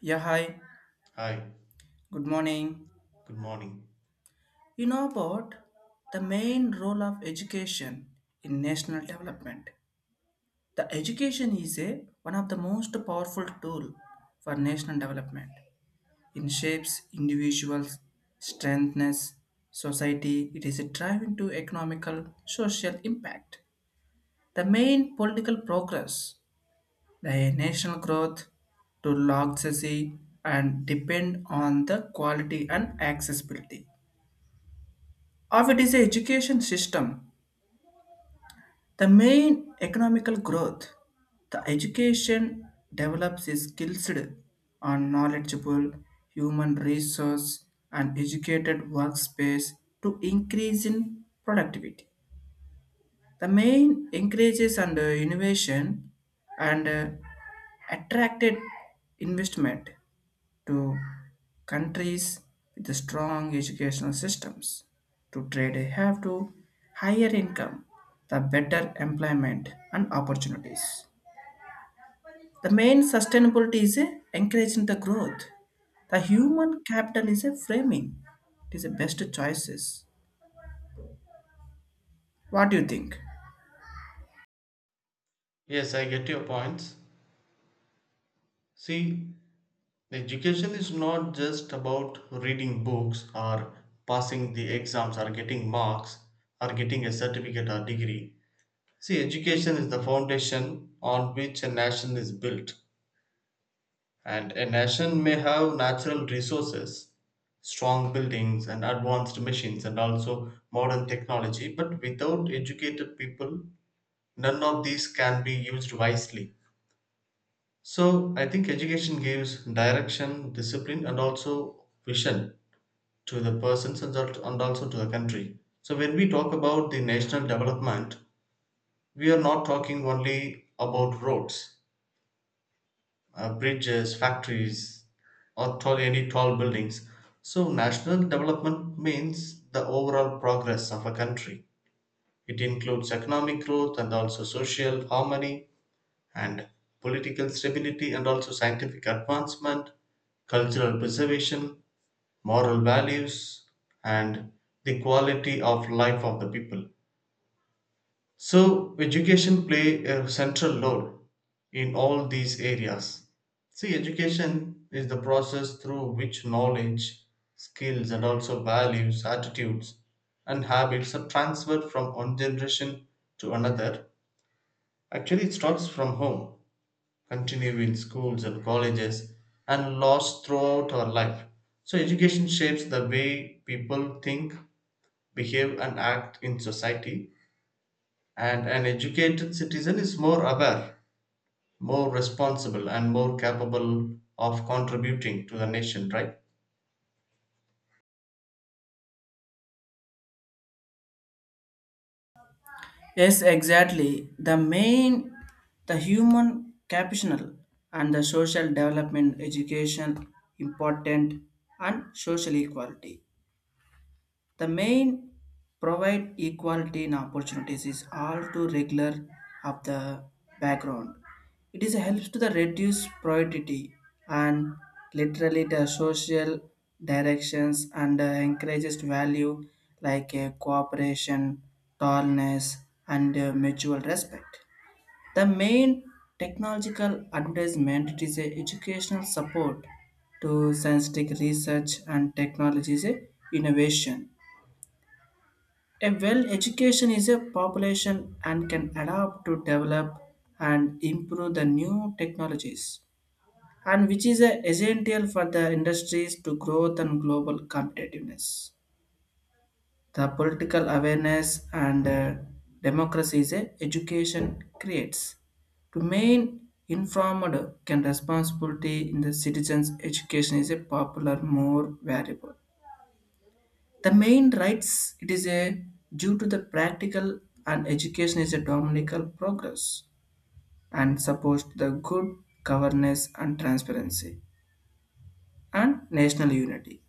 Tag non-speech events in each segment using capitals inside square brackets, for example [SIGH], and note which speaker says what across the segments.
Speaker 1: Yeah, hi.
Speaker 2: Hi,
Speaker 1: Good morning.
Speaker 2: good morning.
Speaker 1: You know about the main role of education in national development. The education is a one of the most powerful tool for national development. It shapes individuals, strengthens society. It is a driving to economical, social impact. The main political progress, the national growth, to log and depend on the quality and accessibility of it is a education system. The main economical growth, the education develops is skills and knowledgeable human resource and educated workspace to increase in productivity. The main increases and innovation and attracted investment to countries with strong educational systems. To trade, have to higher income, the better employment and opportunities. The main sustainability is a encouraging the growth. The human capital is a framing. It is the best choices. What do you think?
Speaker 2: Yes, I get your points. See, education is not just about reading books or passing the exams or getting marks or getting a certificate or degree. See, education is the foundation on which a nation is built. And a nation may have natural resources, strong buildings, and advanced machines, and also modern technology, but without educated people, none of these can be used wisely. So I think education gives direction, discipline, and also vision to the persons and and also to the country. So when we talk about the national development, we are not talking only about roads, bridges, factories, or tall, any tall buildings. So national development means the overall progress of a country. It includes economic growth and also social harmony, and political stability and also scientific advancement, cultural preservation, moral values, and the quality of life of the people. So, education play a central role in all these areas. See, education is the process through which knowledge, skills, and also values, attitudes, and habits are transferred from one generation to another. Actually, it starts from home, continue in schools and colleges and laws throughout our life. So, education shapes the way people think, behave, and act in society. And an educated citizen is more aware, more responsible, and more capable of contributing to the nation, right?
Speaker 1: Yes, exactly. The main, the human capital and the social development, education, important, and social equality. The main provide equality in opportunities is all too regular of the background. It is helps to the reduce poverty and literally the social directions and encourages value like cooperation, tolerance, and mutual respect. The main technological advertisement it is a educational support to scientific research and technologies innovation. A well education is a population and can adapt to develop and improve the new technologies and which is a essential for the industries to growth and global competitiveness. The political awareness and democracy is a education creates. To main informed can responsibility in the citizens' education is a popular more valuable. The main rights it is a due to the practical and education is a dominical progress and supports the good governance and transparency and national unity.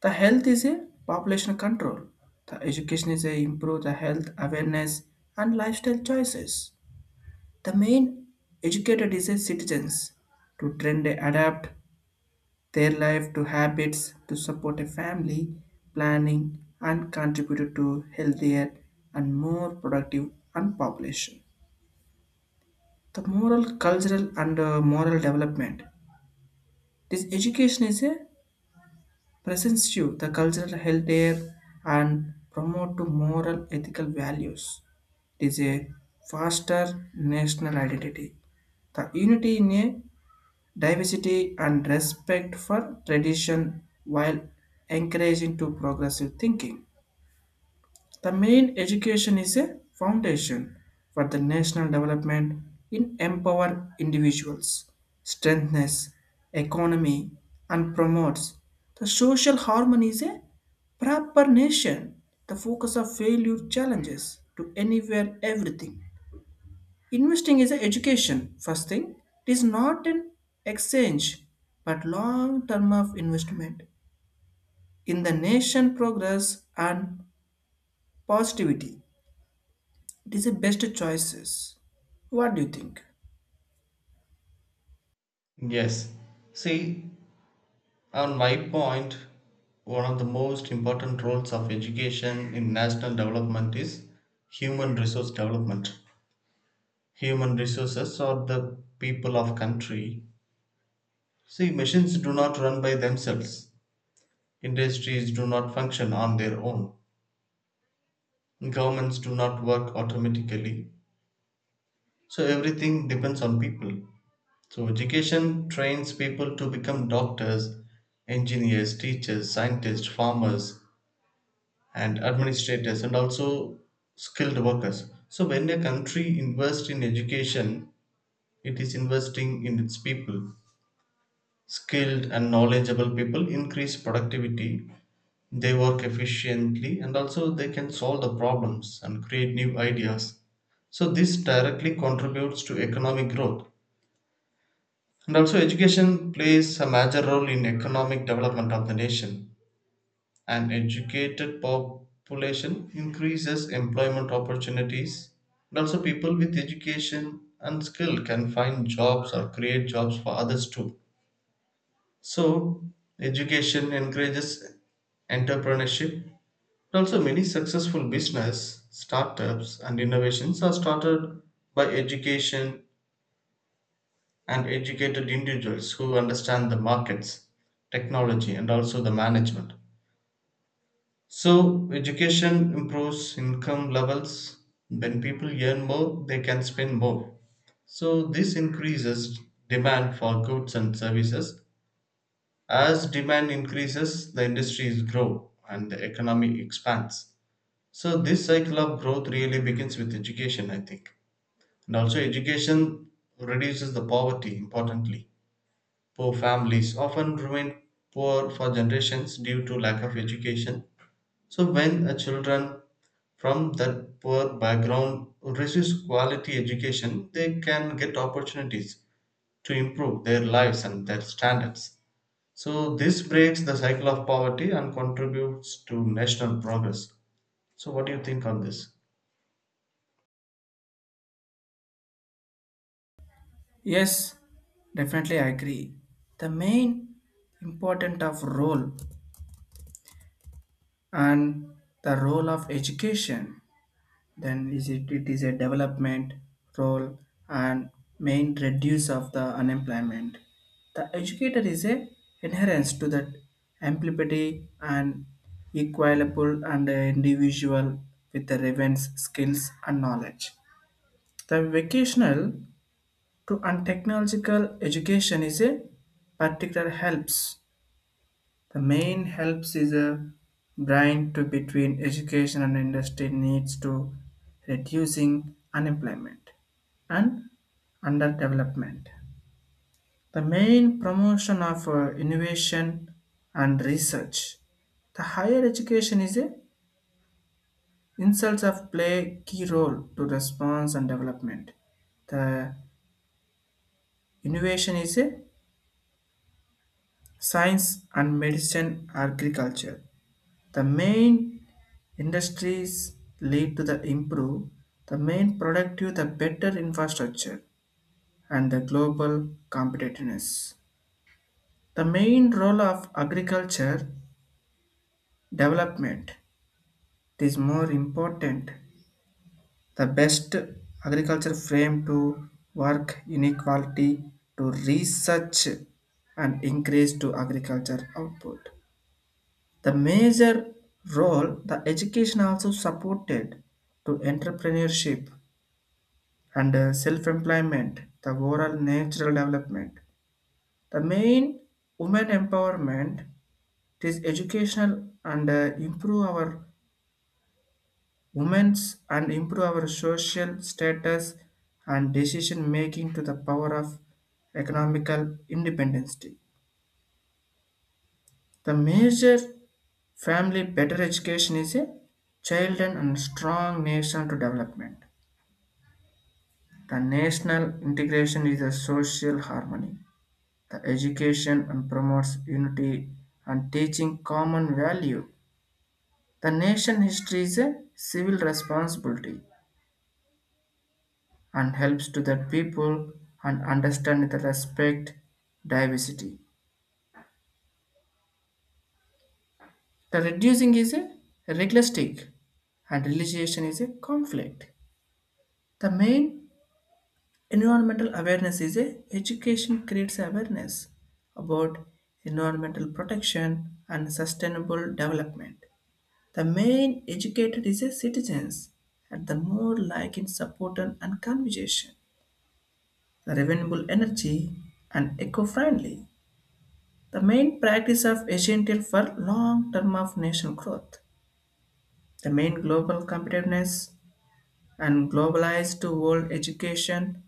Speaker 1: The health is a population control. The education is a improve the health awareness and lifestyle choices. The main educated is a citizens to trend adapt their life to habits to support a family planning and contributed to healthier and more productive and population. The moral cultural and moral development, this education is a presents you the cultural healthier and promote to moral ethical values. It is a faster national identity, the unity in a diversity and respect for tradition while encouraging to progressive thinking. The main education is a foundation for the national development in empower individuals, strengthens economy and promotes the social harmony is a proper nation. The focus of failure challenges to anywhere everything. Investing is an education, first thing. It is not an exchange, but long term of investment in the nation progress and positivity. It is the best choices. What do you think?
Speaker 2: Yes. See, on my point, one of the most important roles of education in national development is human resource development. Human resources or the people of country. See, machines do not run by themselves. Industries do not function on their own. Governments do not work automatically. So everything depends on people. So education trains people to become doctors, engineers, teachers, scientists, farmers, and administrators, and also skilled workers. So when a country invests in education, it is investing in its people. Skilled and knowledgeable people increase productivity, they work efficiently, and also they can solve the problems and create new ideas. So this directly contributes to economic growth, and also education plays a major role in economic development of the nation. An educated population increases employment opportunities, and also people with education and skill can find jobs or create jobs for others too. So, education encourages entrepreneurship. And also, many successful business, startups, and innovations are started by education and educated individuals who understand the markets, technology, and also the management. So, education improves income levels. When people earn more, they can spend more. So, this increases demand for goods and services. As demand increases, the industries grow and the economy expands. So, this cycle of growth really begins with education, I think. And also, education reduces the poverty importantly. Poor families often remain poor for generations due to lack of education. So, when a children from that poor background receives quality education, they can get opportunities to improve their lives and their standards. So this breaks the cycle of poverty and contributes to national progress. So what do you think on this?
Speaker 1: Yes, definitely I agree. The main important of role and the role of education then is it is a development role and main reduce of the unemployment. The educator is a inherence to that empathy and equalable and a individual with the relevance, skills and knowledge. The vocational to and technological education is a particular helps, the main helps is a brain to between education and industry needs to reducing unemployment and underdevelopment. The main promotion of innovation and research. The higher education is a insults of play key role to response and development. The innovation is a science and medicine agriculture. The main industries lead to the improve, the main productive, the better infrastructure and the global competitiveness. The main role of agriculture development is more important. The best agriculture frame to work inequality to research and increase to agriculture output. The major role the education also supported to entrepreneurship and self-employment, the overall natural development. The main women empowerment it is educational and improve our women's and improve our social status and decision making to the power of economical independence. The major family better education is a child and strong nation to development. The national integration is a social harmony. The education and promotes unity and teaching common value. The nation history is a civil responsibility and helps to the people and understand the respect diversity. The reducing is a realistic and realization is a conflict. The main environmental awareness is a education creates awareness about environmental protection and sustainable development. The main educated is a citizens and the more like in support and conversation, the renewable energy and eco-friendly. The main practice of essential for long term of national growth. The main global competitiveness and globalized to world education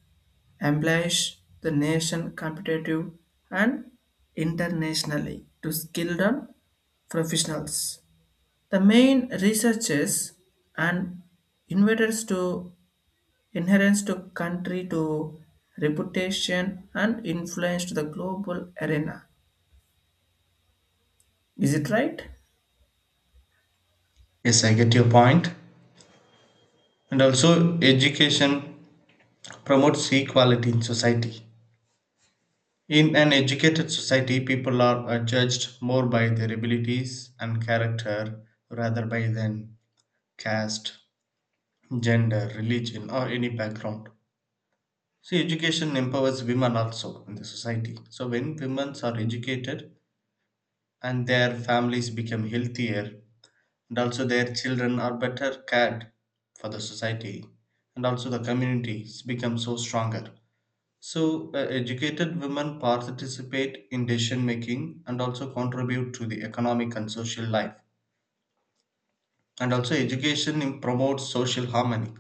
Speaker 1: emplies the nation competitive and internationally to skilled and professionals. The main researchers and inventors to inherence to country to reputation and influence to the global arena. Is it right?
Speaker 2: Yes, I get your point. And also education promotes equality in society. In an educated society, people are judged more by their abilities and character rather by than caste, gender, religion or any background. So education empowers women also in the society. So when women are educated and their families become healthier and also their children are better cared for the society and also the communities become so stronger. So educated women participate in decision making and also contribute to the economic and social life. And also education promotes social harmony.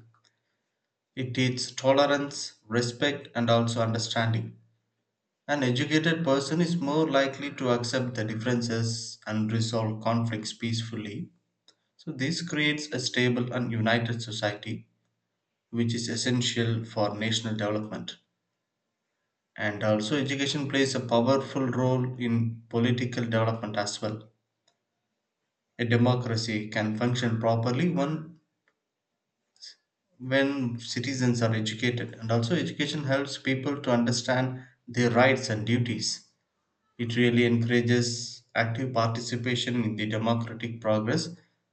Speaker 2: It teaches tolerance, respect and also understanding. An educated person is more likely to accept the differences and resolve conflicts peacefully. So this creates a stable and united society which is essential for national development. And also, education plays a powerful role in political development as well. A democracy can function properly when citizens are educated, and also, education helps people to understand their rights and duties. It really encourages active participation in the democratic progress,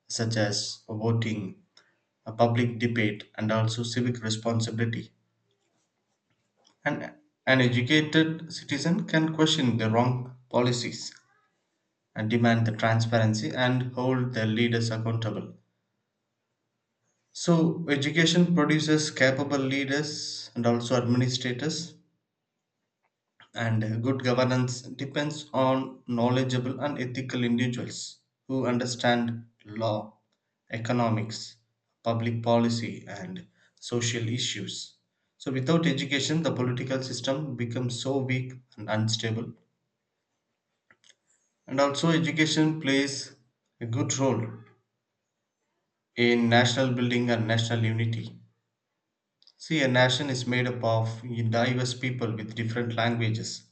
Speaker 2: such as voting, a public debate, and also civic responsibility. An, an educated citizen can question the wrong policies and demand the transparency and hold their leaders accountable. So, education produces capable leaders and also administrators, and good governance depends on knowledgeable and ethical individuals who understand law, economics, public policy, and social issues. So, without education, the political system becomes so weak and unstable. And also, education plays a good role in national building and national unity. See, a nation is made up of diverse people with different languages,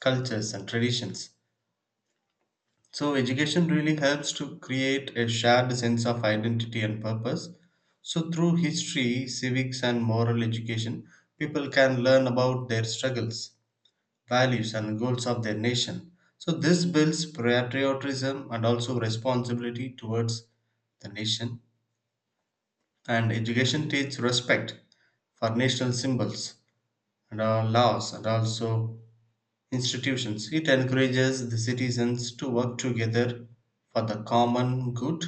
Speaker 2: cultures, and traditions. So, education really helps to create a shared sense of identity and purpose. So, through history, civics, and moral education, people can learn about their struggles, values and goals of their nation. So this builds patriotism and also responsibility towards the nation. And education teaches respect for national symbols and our laws and also institutions. It encourages the citizens to work together for the common good.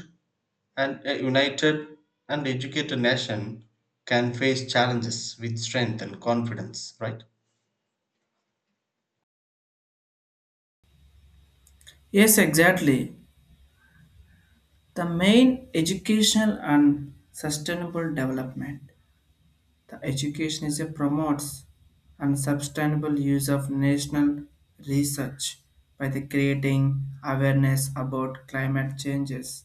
Speaker 2: And a united and educated nation can face challenges with strength and confidence, right?
Speaker 1: Yes, exactly. The main educational and sustainable development. The education is a promotes and sustainable use of national research by the creating awareness about climate changes.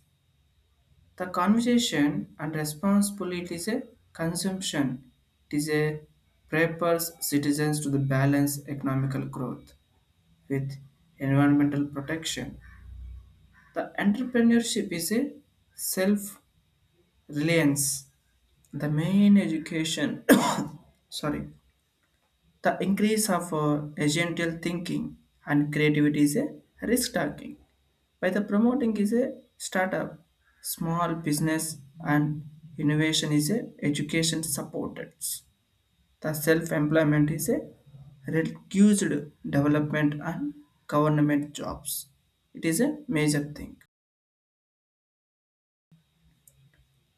Speaker 1: The conversation and responsibility is a consumption. It is a prepares citizens to the balance economical growth with environmental protection. The entrepreneurship is a self-reliance. The main education [COUGHS] sorry. The increase of agential thinking and creativity is a risk taking. By the promoting is a startup, small business and innovation is a education supported. The self-employment is a reduced development and government jobs. It is a major thing.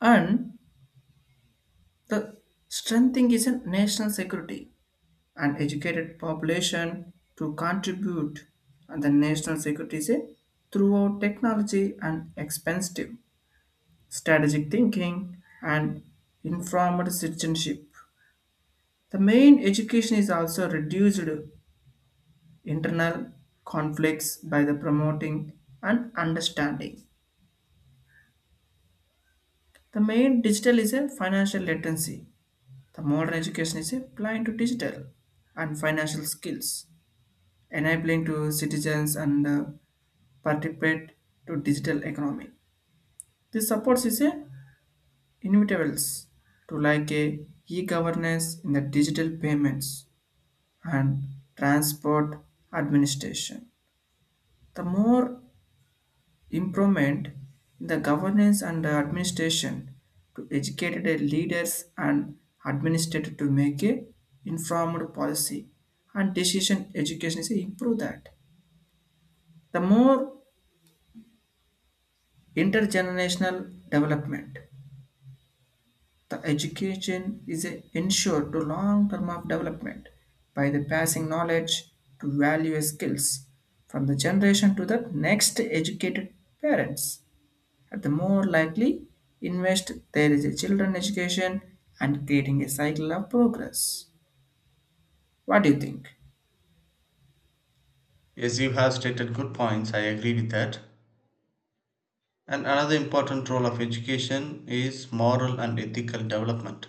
Speaker 1: And the strengthening is a national security and educated population to contribute and the national security say, throughout technology and expensive strategic thinking and informed citizenship. The main education is also reduced internal conflicts by the promoting and understanding. The main digital is a financial latency. The modern education is applying to digital and financial skills, enabling to citizens and participate to digital economy. This supports is a inevitables to like a e-governance in the digital payments and transport administration. The more improvement in the governance and the administration to educated leaders and administrator to make a informed policy and decision education is improve that. The more intergenerational development. The education is ensured to long term of development by the passing knowledge to value skills from the generation to the next educated parents. At the more likely invest there is a children education and creating a cycle of progress. What do you think?
Speaker 2: Yes, you have stated good points. I agree with that. And another important role of education is moral and ethical development.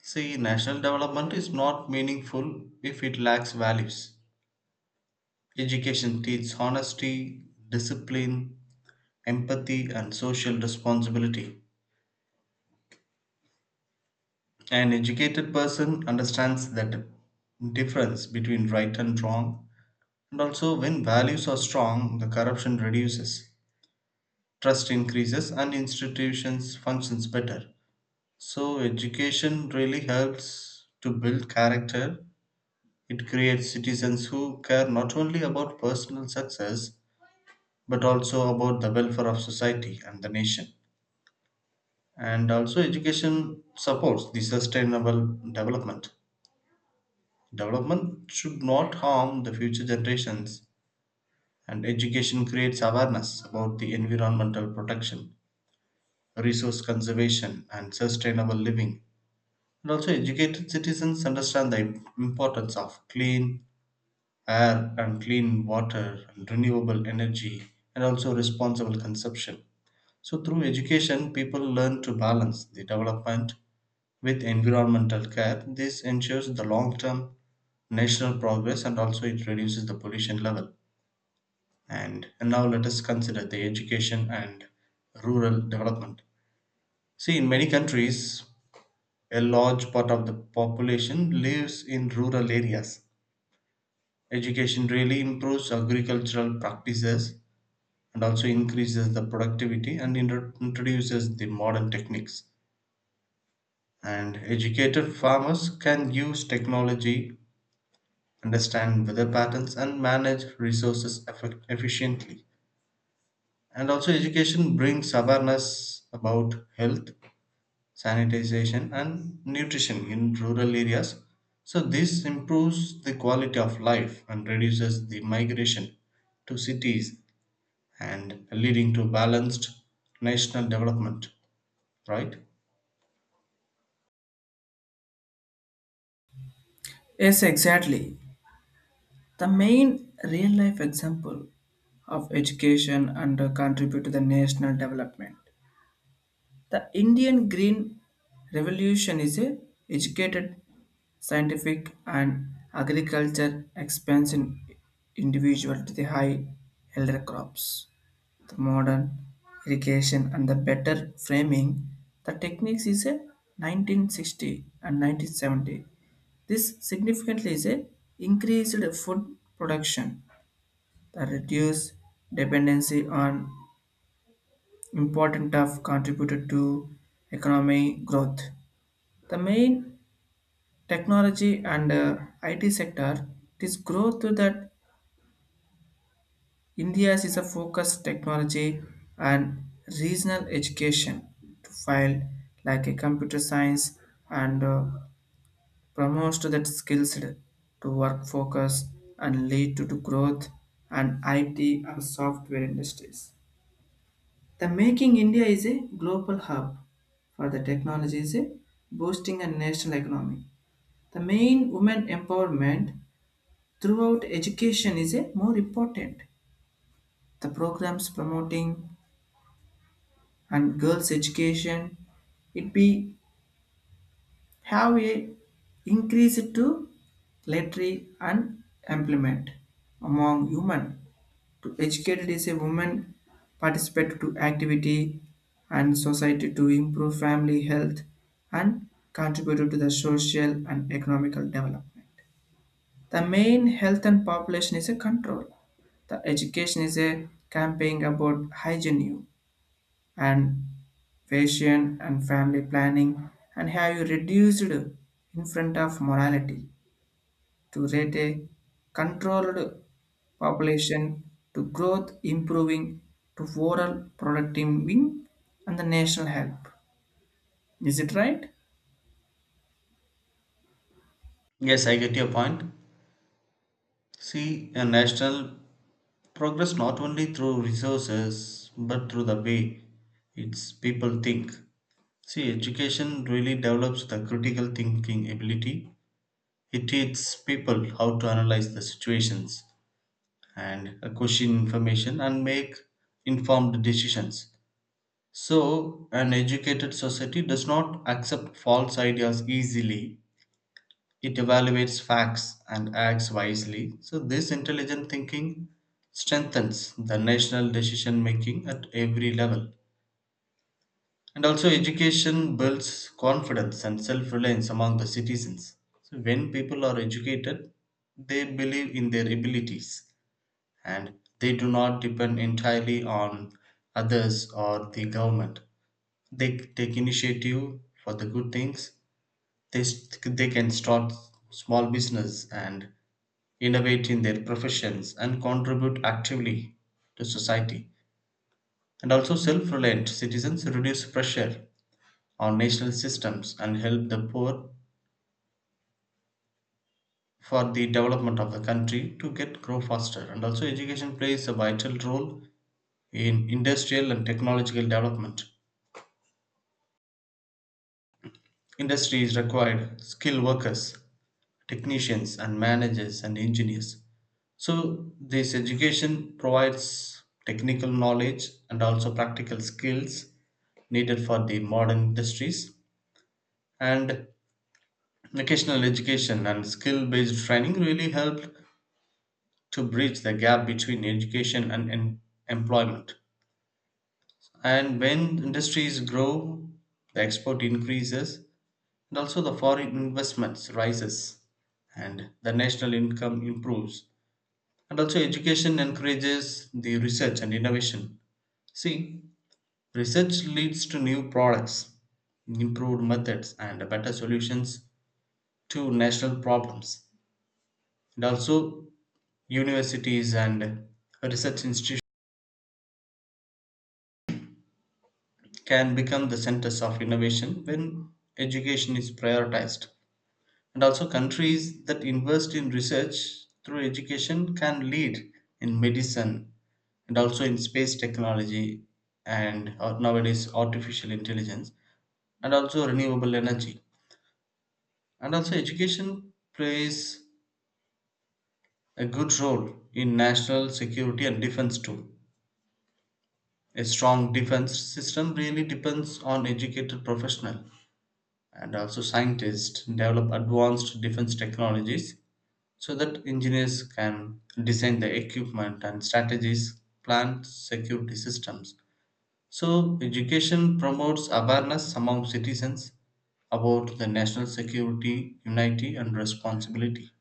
Speaker 2: See, national development is not meaningful if it lacks values. Education teaches honesty, discipline, empathy, and social responsibility. An educated person understands the difference between right and wrong, and also when values are strong, the corruption reduces, trust increases, and institutions functions better. So, education really helps to build character. It creates citizens who care not only about personal success but also about the welfare of society and the nation. And also, education supports the sustainable development. Development should not harm the future generations, and education creates awareness about the environmental protection, resource conservation, and sustainable living. And also, educated citizens understand the importance of clean air and clean water and renewable energy and also responsible consumption. So, through education, people learn to balance the development with environmental care. This ensures the long term national progress and also it reduces the pollution level. And now, let us consider the education and rural development. See, in many countries, a large part of the population lives in rural areas. Education really improves agricultural practices and also increases the productivity and introduces the modern techniques. And educated farmers can use technology, understand weather patterns, and manage resources efficiently. And also, education brings awareness about health, sanitization and nutrition in rural areas. So, this improves the quality of life and reduces the migration to cities and leading to balanced national development, right?
Speaker 1: Yes, exactly. The main real life example of education and contribute to the national development. The Indian Green Revolution is a educated, scientific, and agriculture expansion individual to the high elder crops. The modern irrigation and the better framing, the techniques is a 1960 and 1970. This significantly is a increased food production. The reduced dependency on important of contributed to economic growth. The main technology and IT sector, this growth that India's is a focus technology and regional education to file like a computer science and promotes to that skills to work focus and lead to growth and IT and software industries. The making India is a global hub for the technology is a boosting a national economy. The main women empowerment throughout education is a more important. The programs promoting and girls education it be have a increase to literary and employment among women to educated is a woman participate to activity and society to improve family health and contribute to the social and economical development. The main health and population is a control. The education is a campaign about hygiene and fashion and family planning and have you reduced in front of morality to rate a controlled population to growth improving to overall productivity and the national help. Is it right?
Speaker 2: Yes, I get your point. See, a national progress not only through resources but through the way its people think. See, education really develops the critical thinking ability. It teaches people how to analyze the situations, and question information and make informed decisions. So, an educated society does not accept false ideas easily. It evaluates facts and acts wisely. So, this intelligent thinking strengthens the national decision making at every level. And also, education builds confidence and self reliance among the citizens. So, when people are educated, they believe in their abilities. And they do not depend entirely on others or the government. They take initiative for the good things. They can start small business and innovate in their professions and contribute actively to society. And also, self reliant citizens reduce pressure on national systems and help the poor for the development of the country to get grow faster. And also, education plays a vital role in industrial and technological development. Industry is required skilled workers, technicians, and managers and engineers. So, this education provides technical knowledge and also practical skills needed for the modern industries. And vocational education and skill based training really helped to bridge the gap between education and employment. And when industries grow, the export increases and also the foreign investments rises and the national income improves, and also education encourages the research and innovation. See, research leads to new products, improved methods and better solutions to national problems. And also universities and research institutions can become the centers of innovation when education is prioritized. And also, countries that invest in research through education can lead in medicine and also in space technology and nowadays artificial intelligence and also renewable energy. And also, education plays a good role in national security and defense too. A strong defense system really depends on educated professionals, and also scientists develop advanced defense technologies so that engineers can design the equipment and strategies, plan security systems. So, education promotes awareness among citizens about the national security, unity, and responsibility.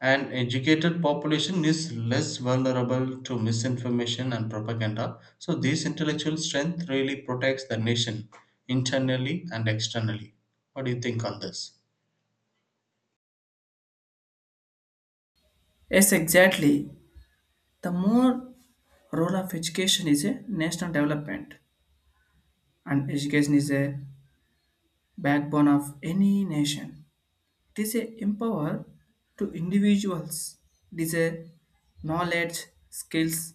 Speaker 2: An educated population is less vulnerable to misinformation and propaganda. So, this intellectual strength really protects the nation internally and externally. What do you think on this?
Speaker 1: Yes, exactly. The more role of education is a national development. And education is a backbone of any nation. It is a empower to individuals. It is a knowledge, skills,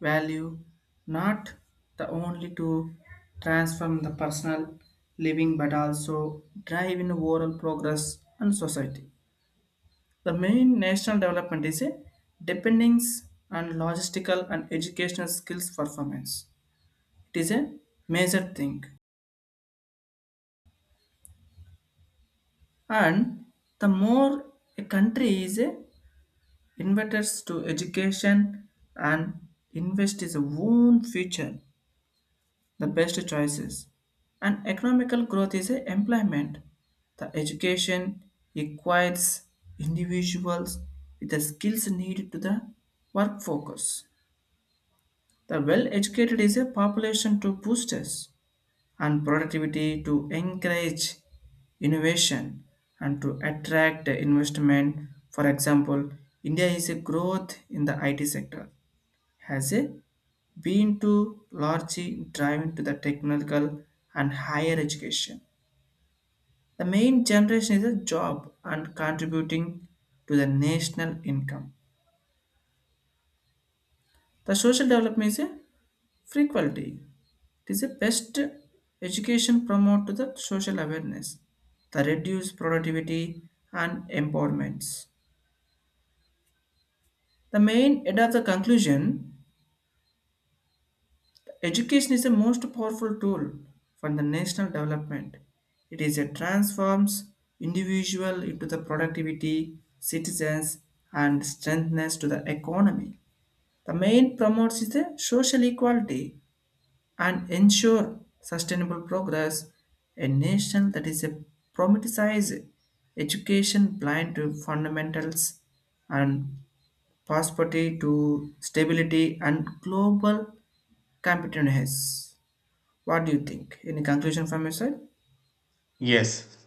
Speaker 1: value, not the only to transform the personal living but also drive in overall progress and society. The main national development is a dependence and logistical and educational skills performance. It is a major thing. And the more a country is a investors to education and invest its own future, the best choices. And economical growth is a employment, the education requires individuals with the skills needed to the work focus, the well educated is a population to boosters and productivity to encourage innovation and to attract investment. For example, India is a growth in the IT sector has a been to largely driven to the technical and higher education. The main generation is a job and contributing to the national income. The social development is a frequency. It is a best education promote to the social awareness, the reduced productivity and empowerments. The main head of the conclusion, education is the most powerful tool for the national development. It is a transforms individual into the productivity, citizens, and strengthens to the economy. The main promotes is the social equality and ensure sustainable progress. A nation that is a problematized education blind to fundamentals and prosperity to stability and global competitiveness. What do you think? Any conclusion from your side?
Speaker 2: Yes,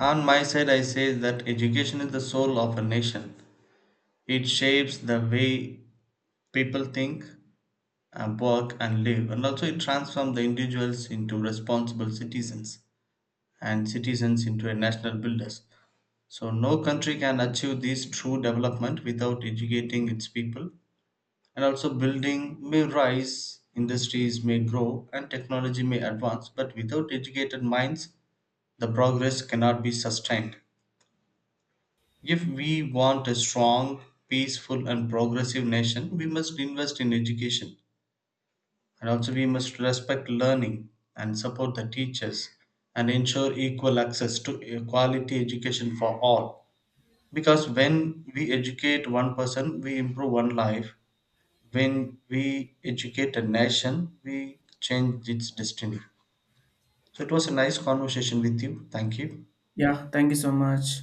Speaker 2: on my side, I say that education is the soul of a nation. It shapes the way people think and work and live, and also it transforms the individuals into responsible citizens and citizens into a national builders. So, no country can achieve this true development without educating its people. And also, building may rise, industries may grow, and technology may advance, but without educated minds, the progress cannot be sustained. If we want a strong, peaceful, and progressive nation, we must invest in education and also we must respect learning and support the teachers and ensure equal access to a quality education for all. Because when we educate one person, we improve one life. When we educate a nation, we change its destiny. So it was a nice conversation with you. Thank you.
Speaker 1: Yeah, thank you so much.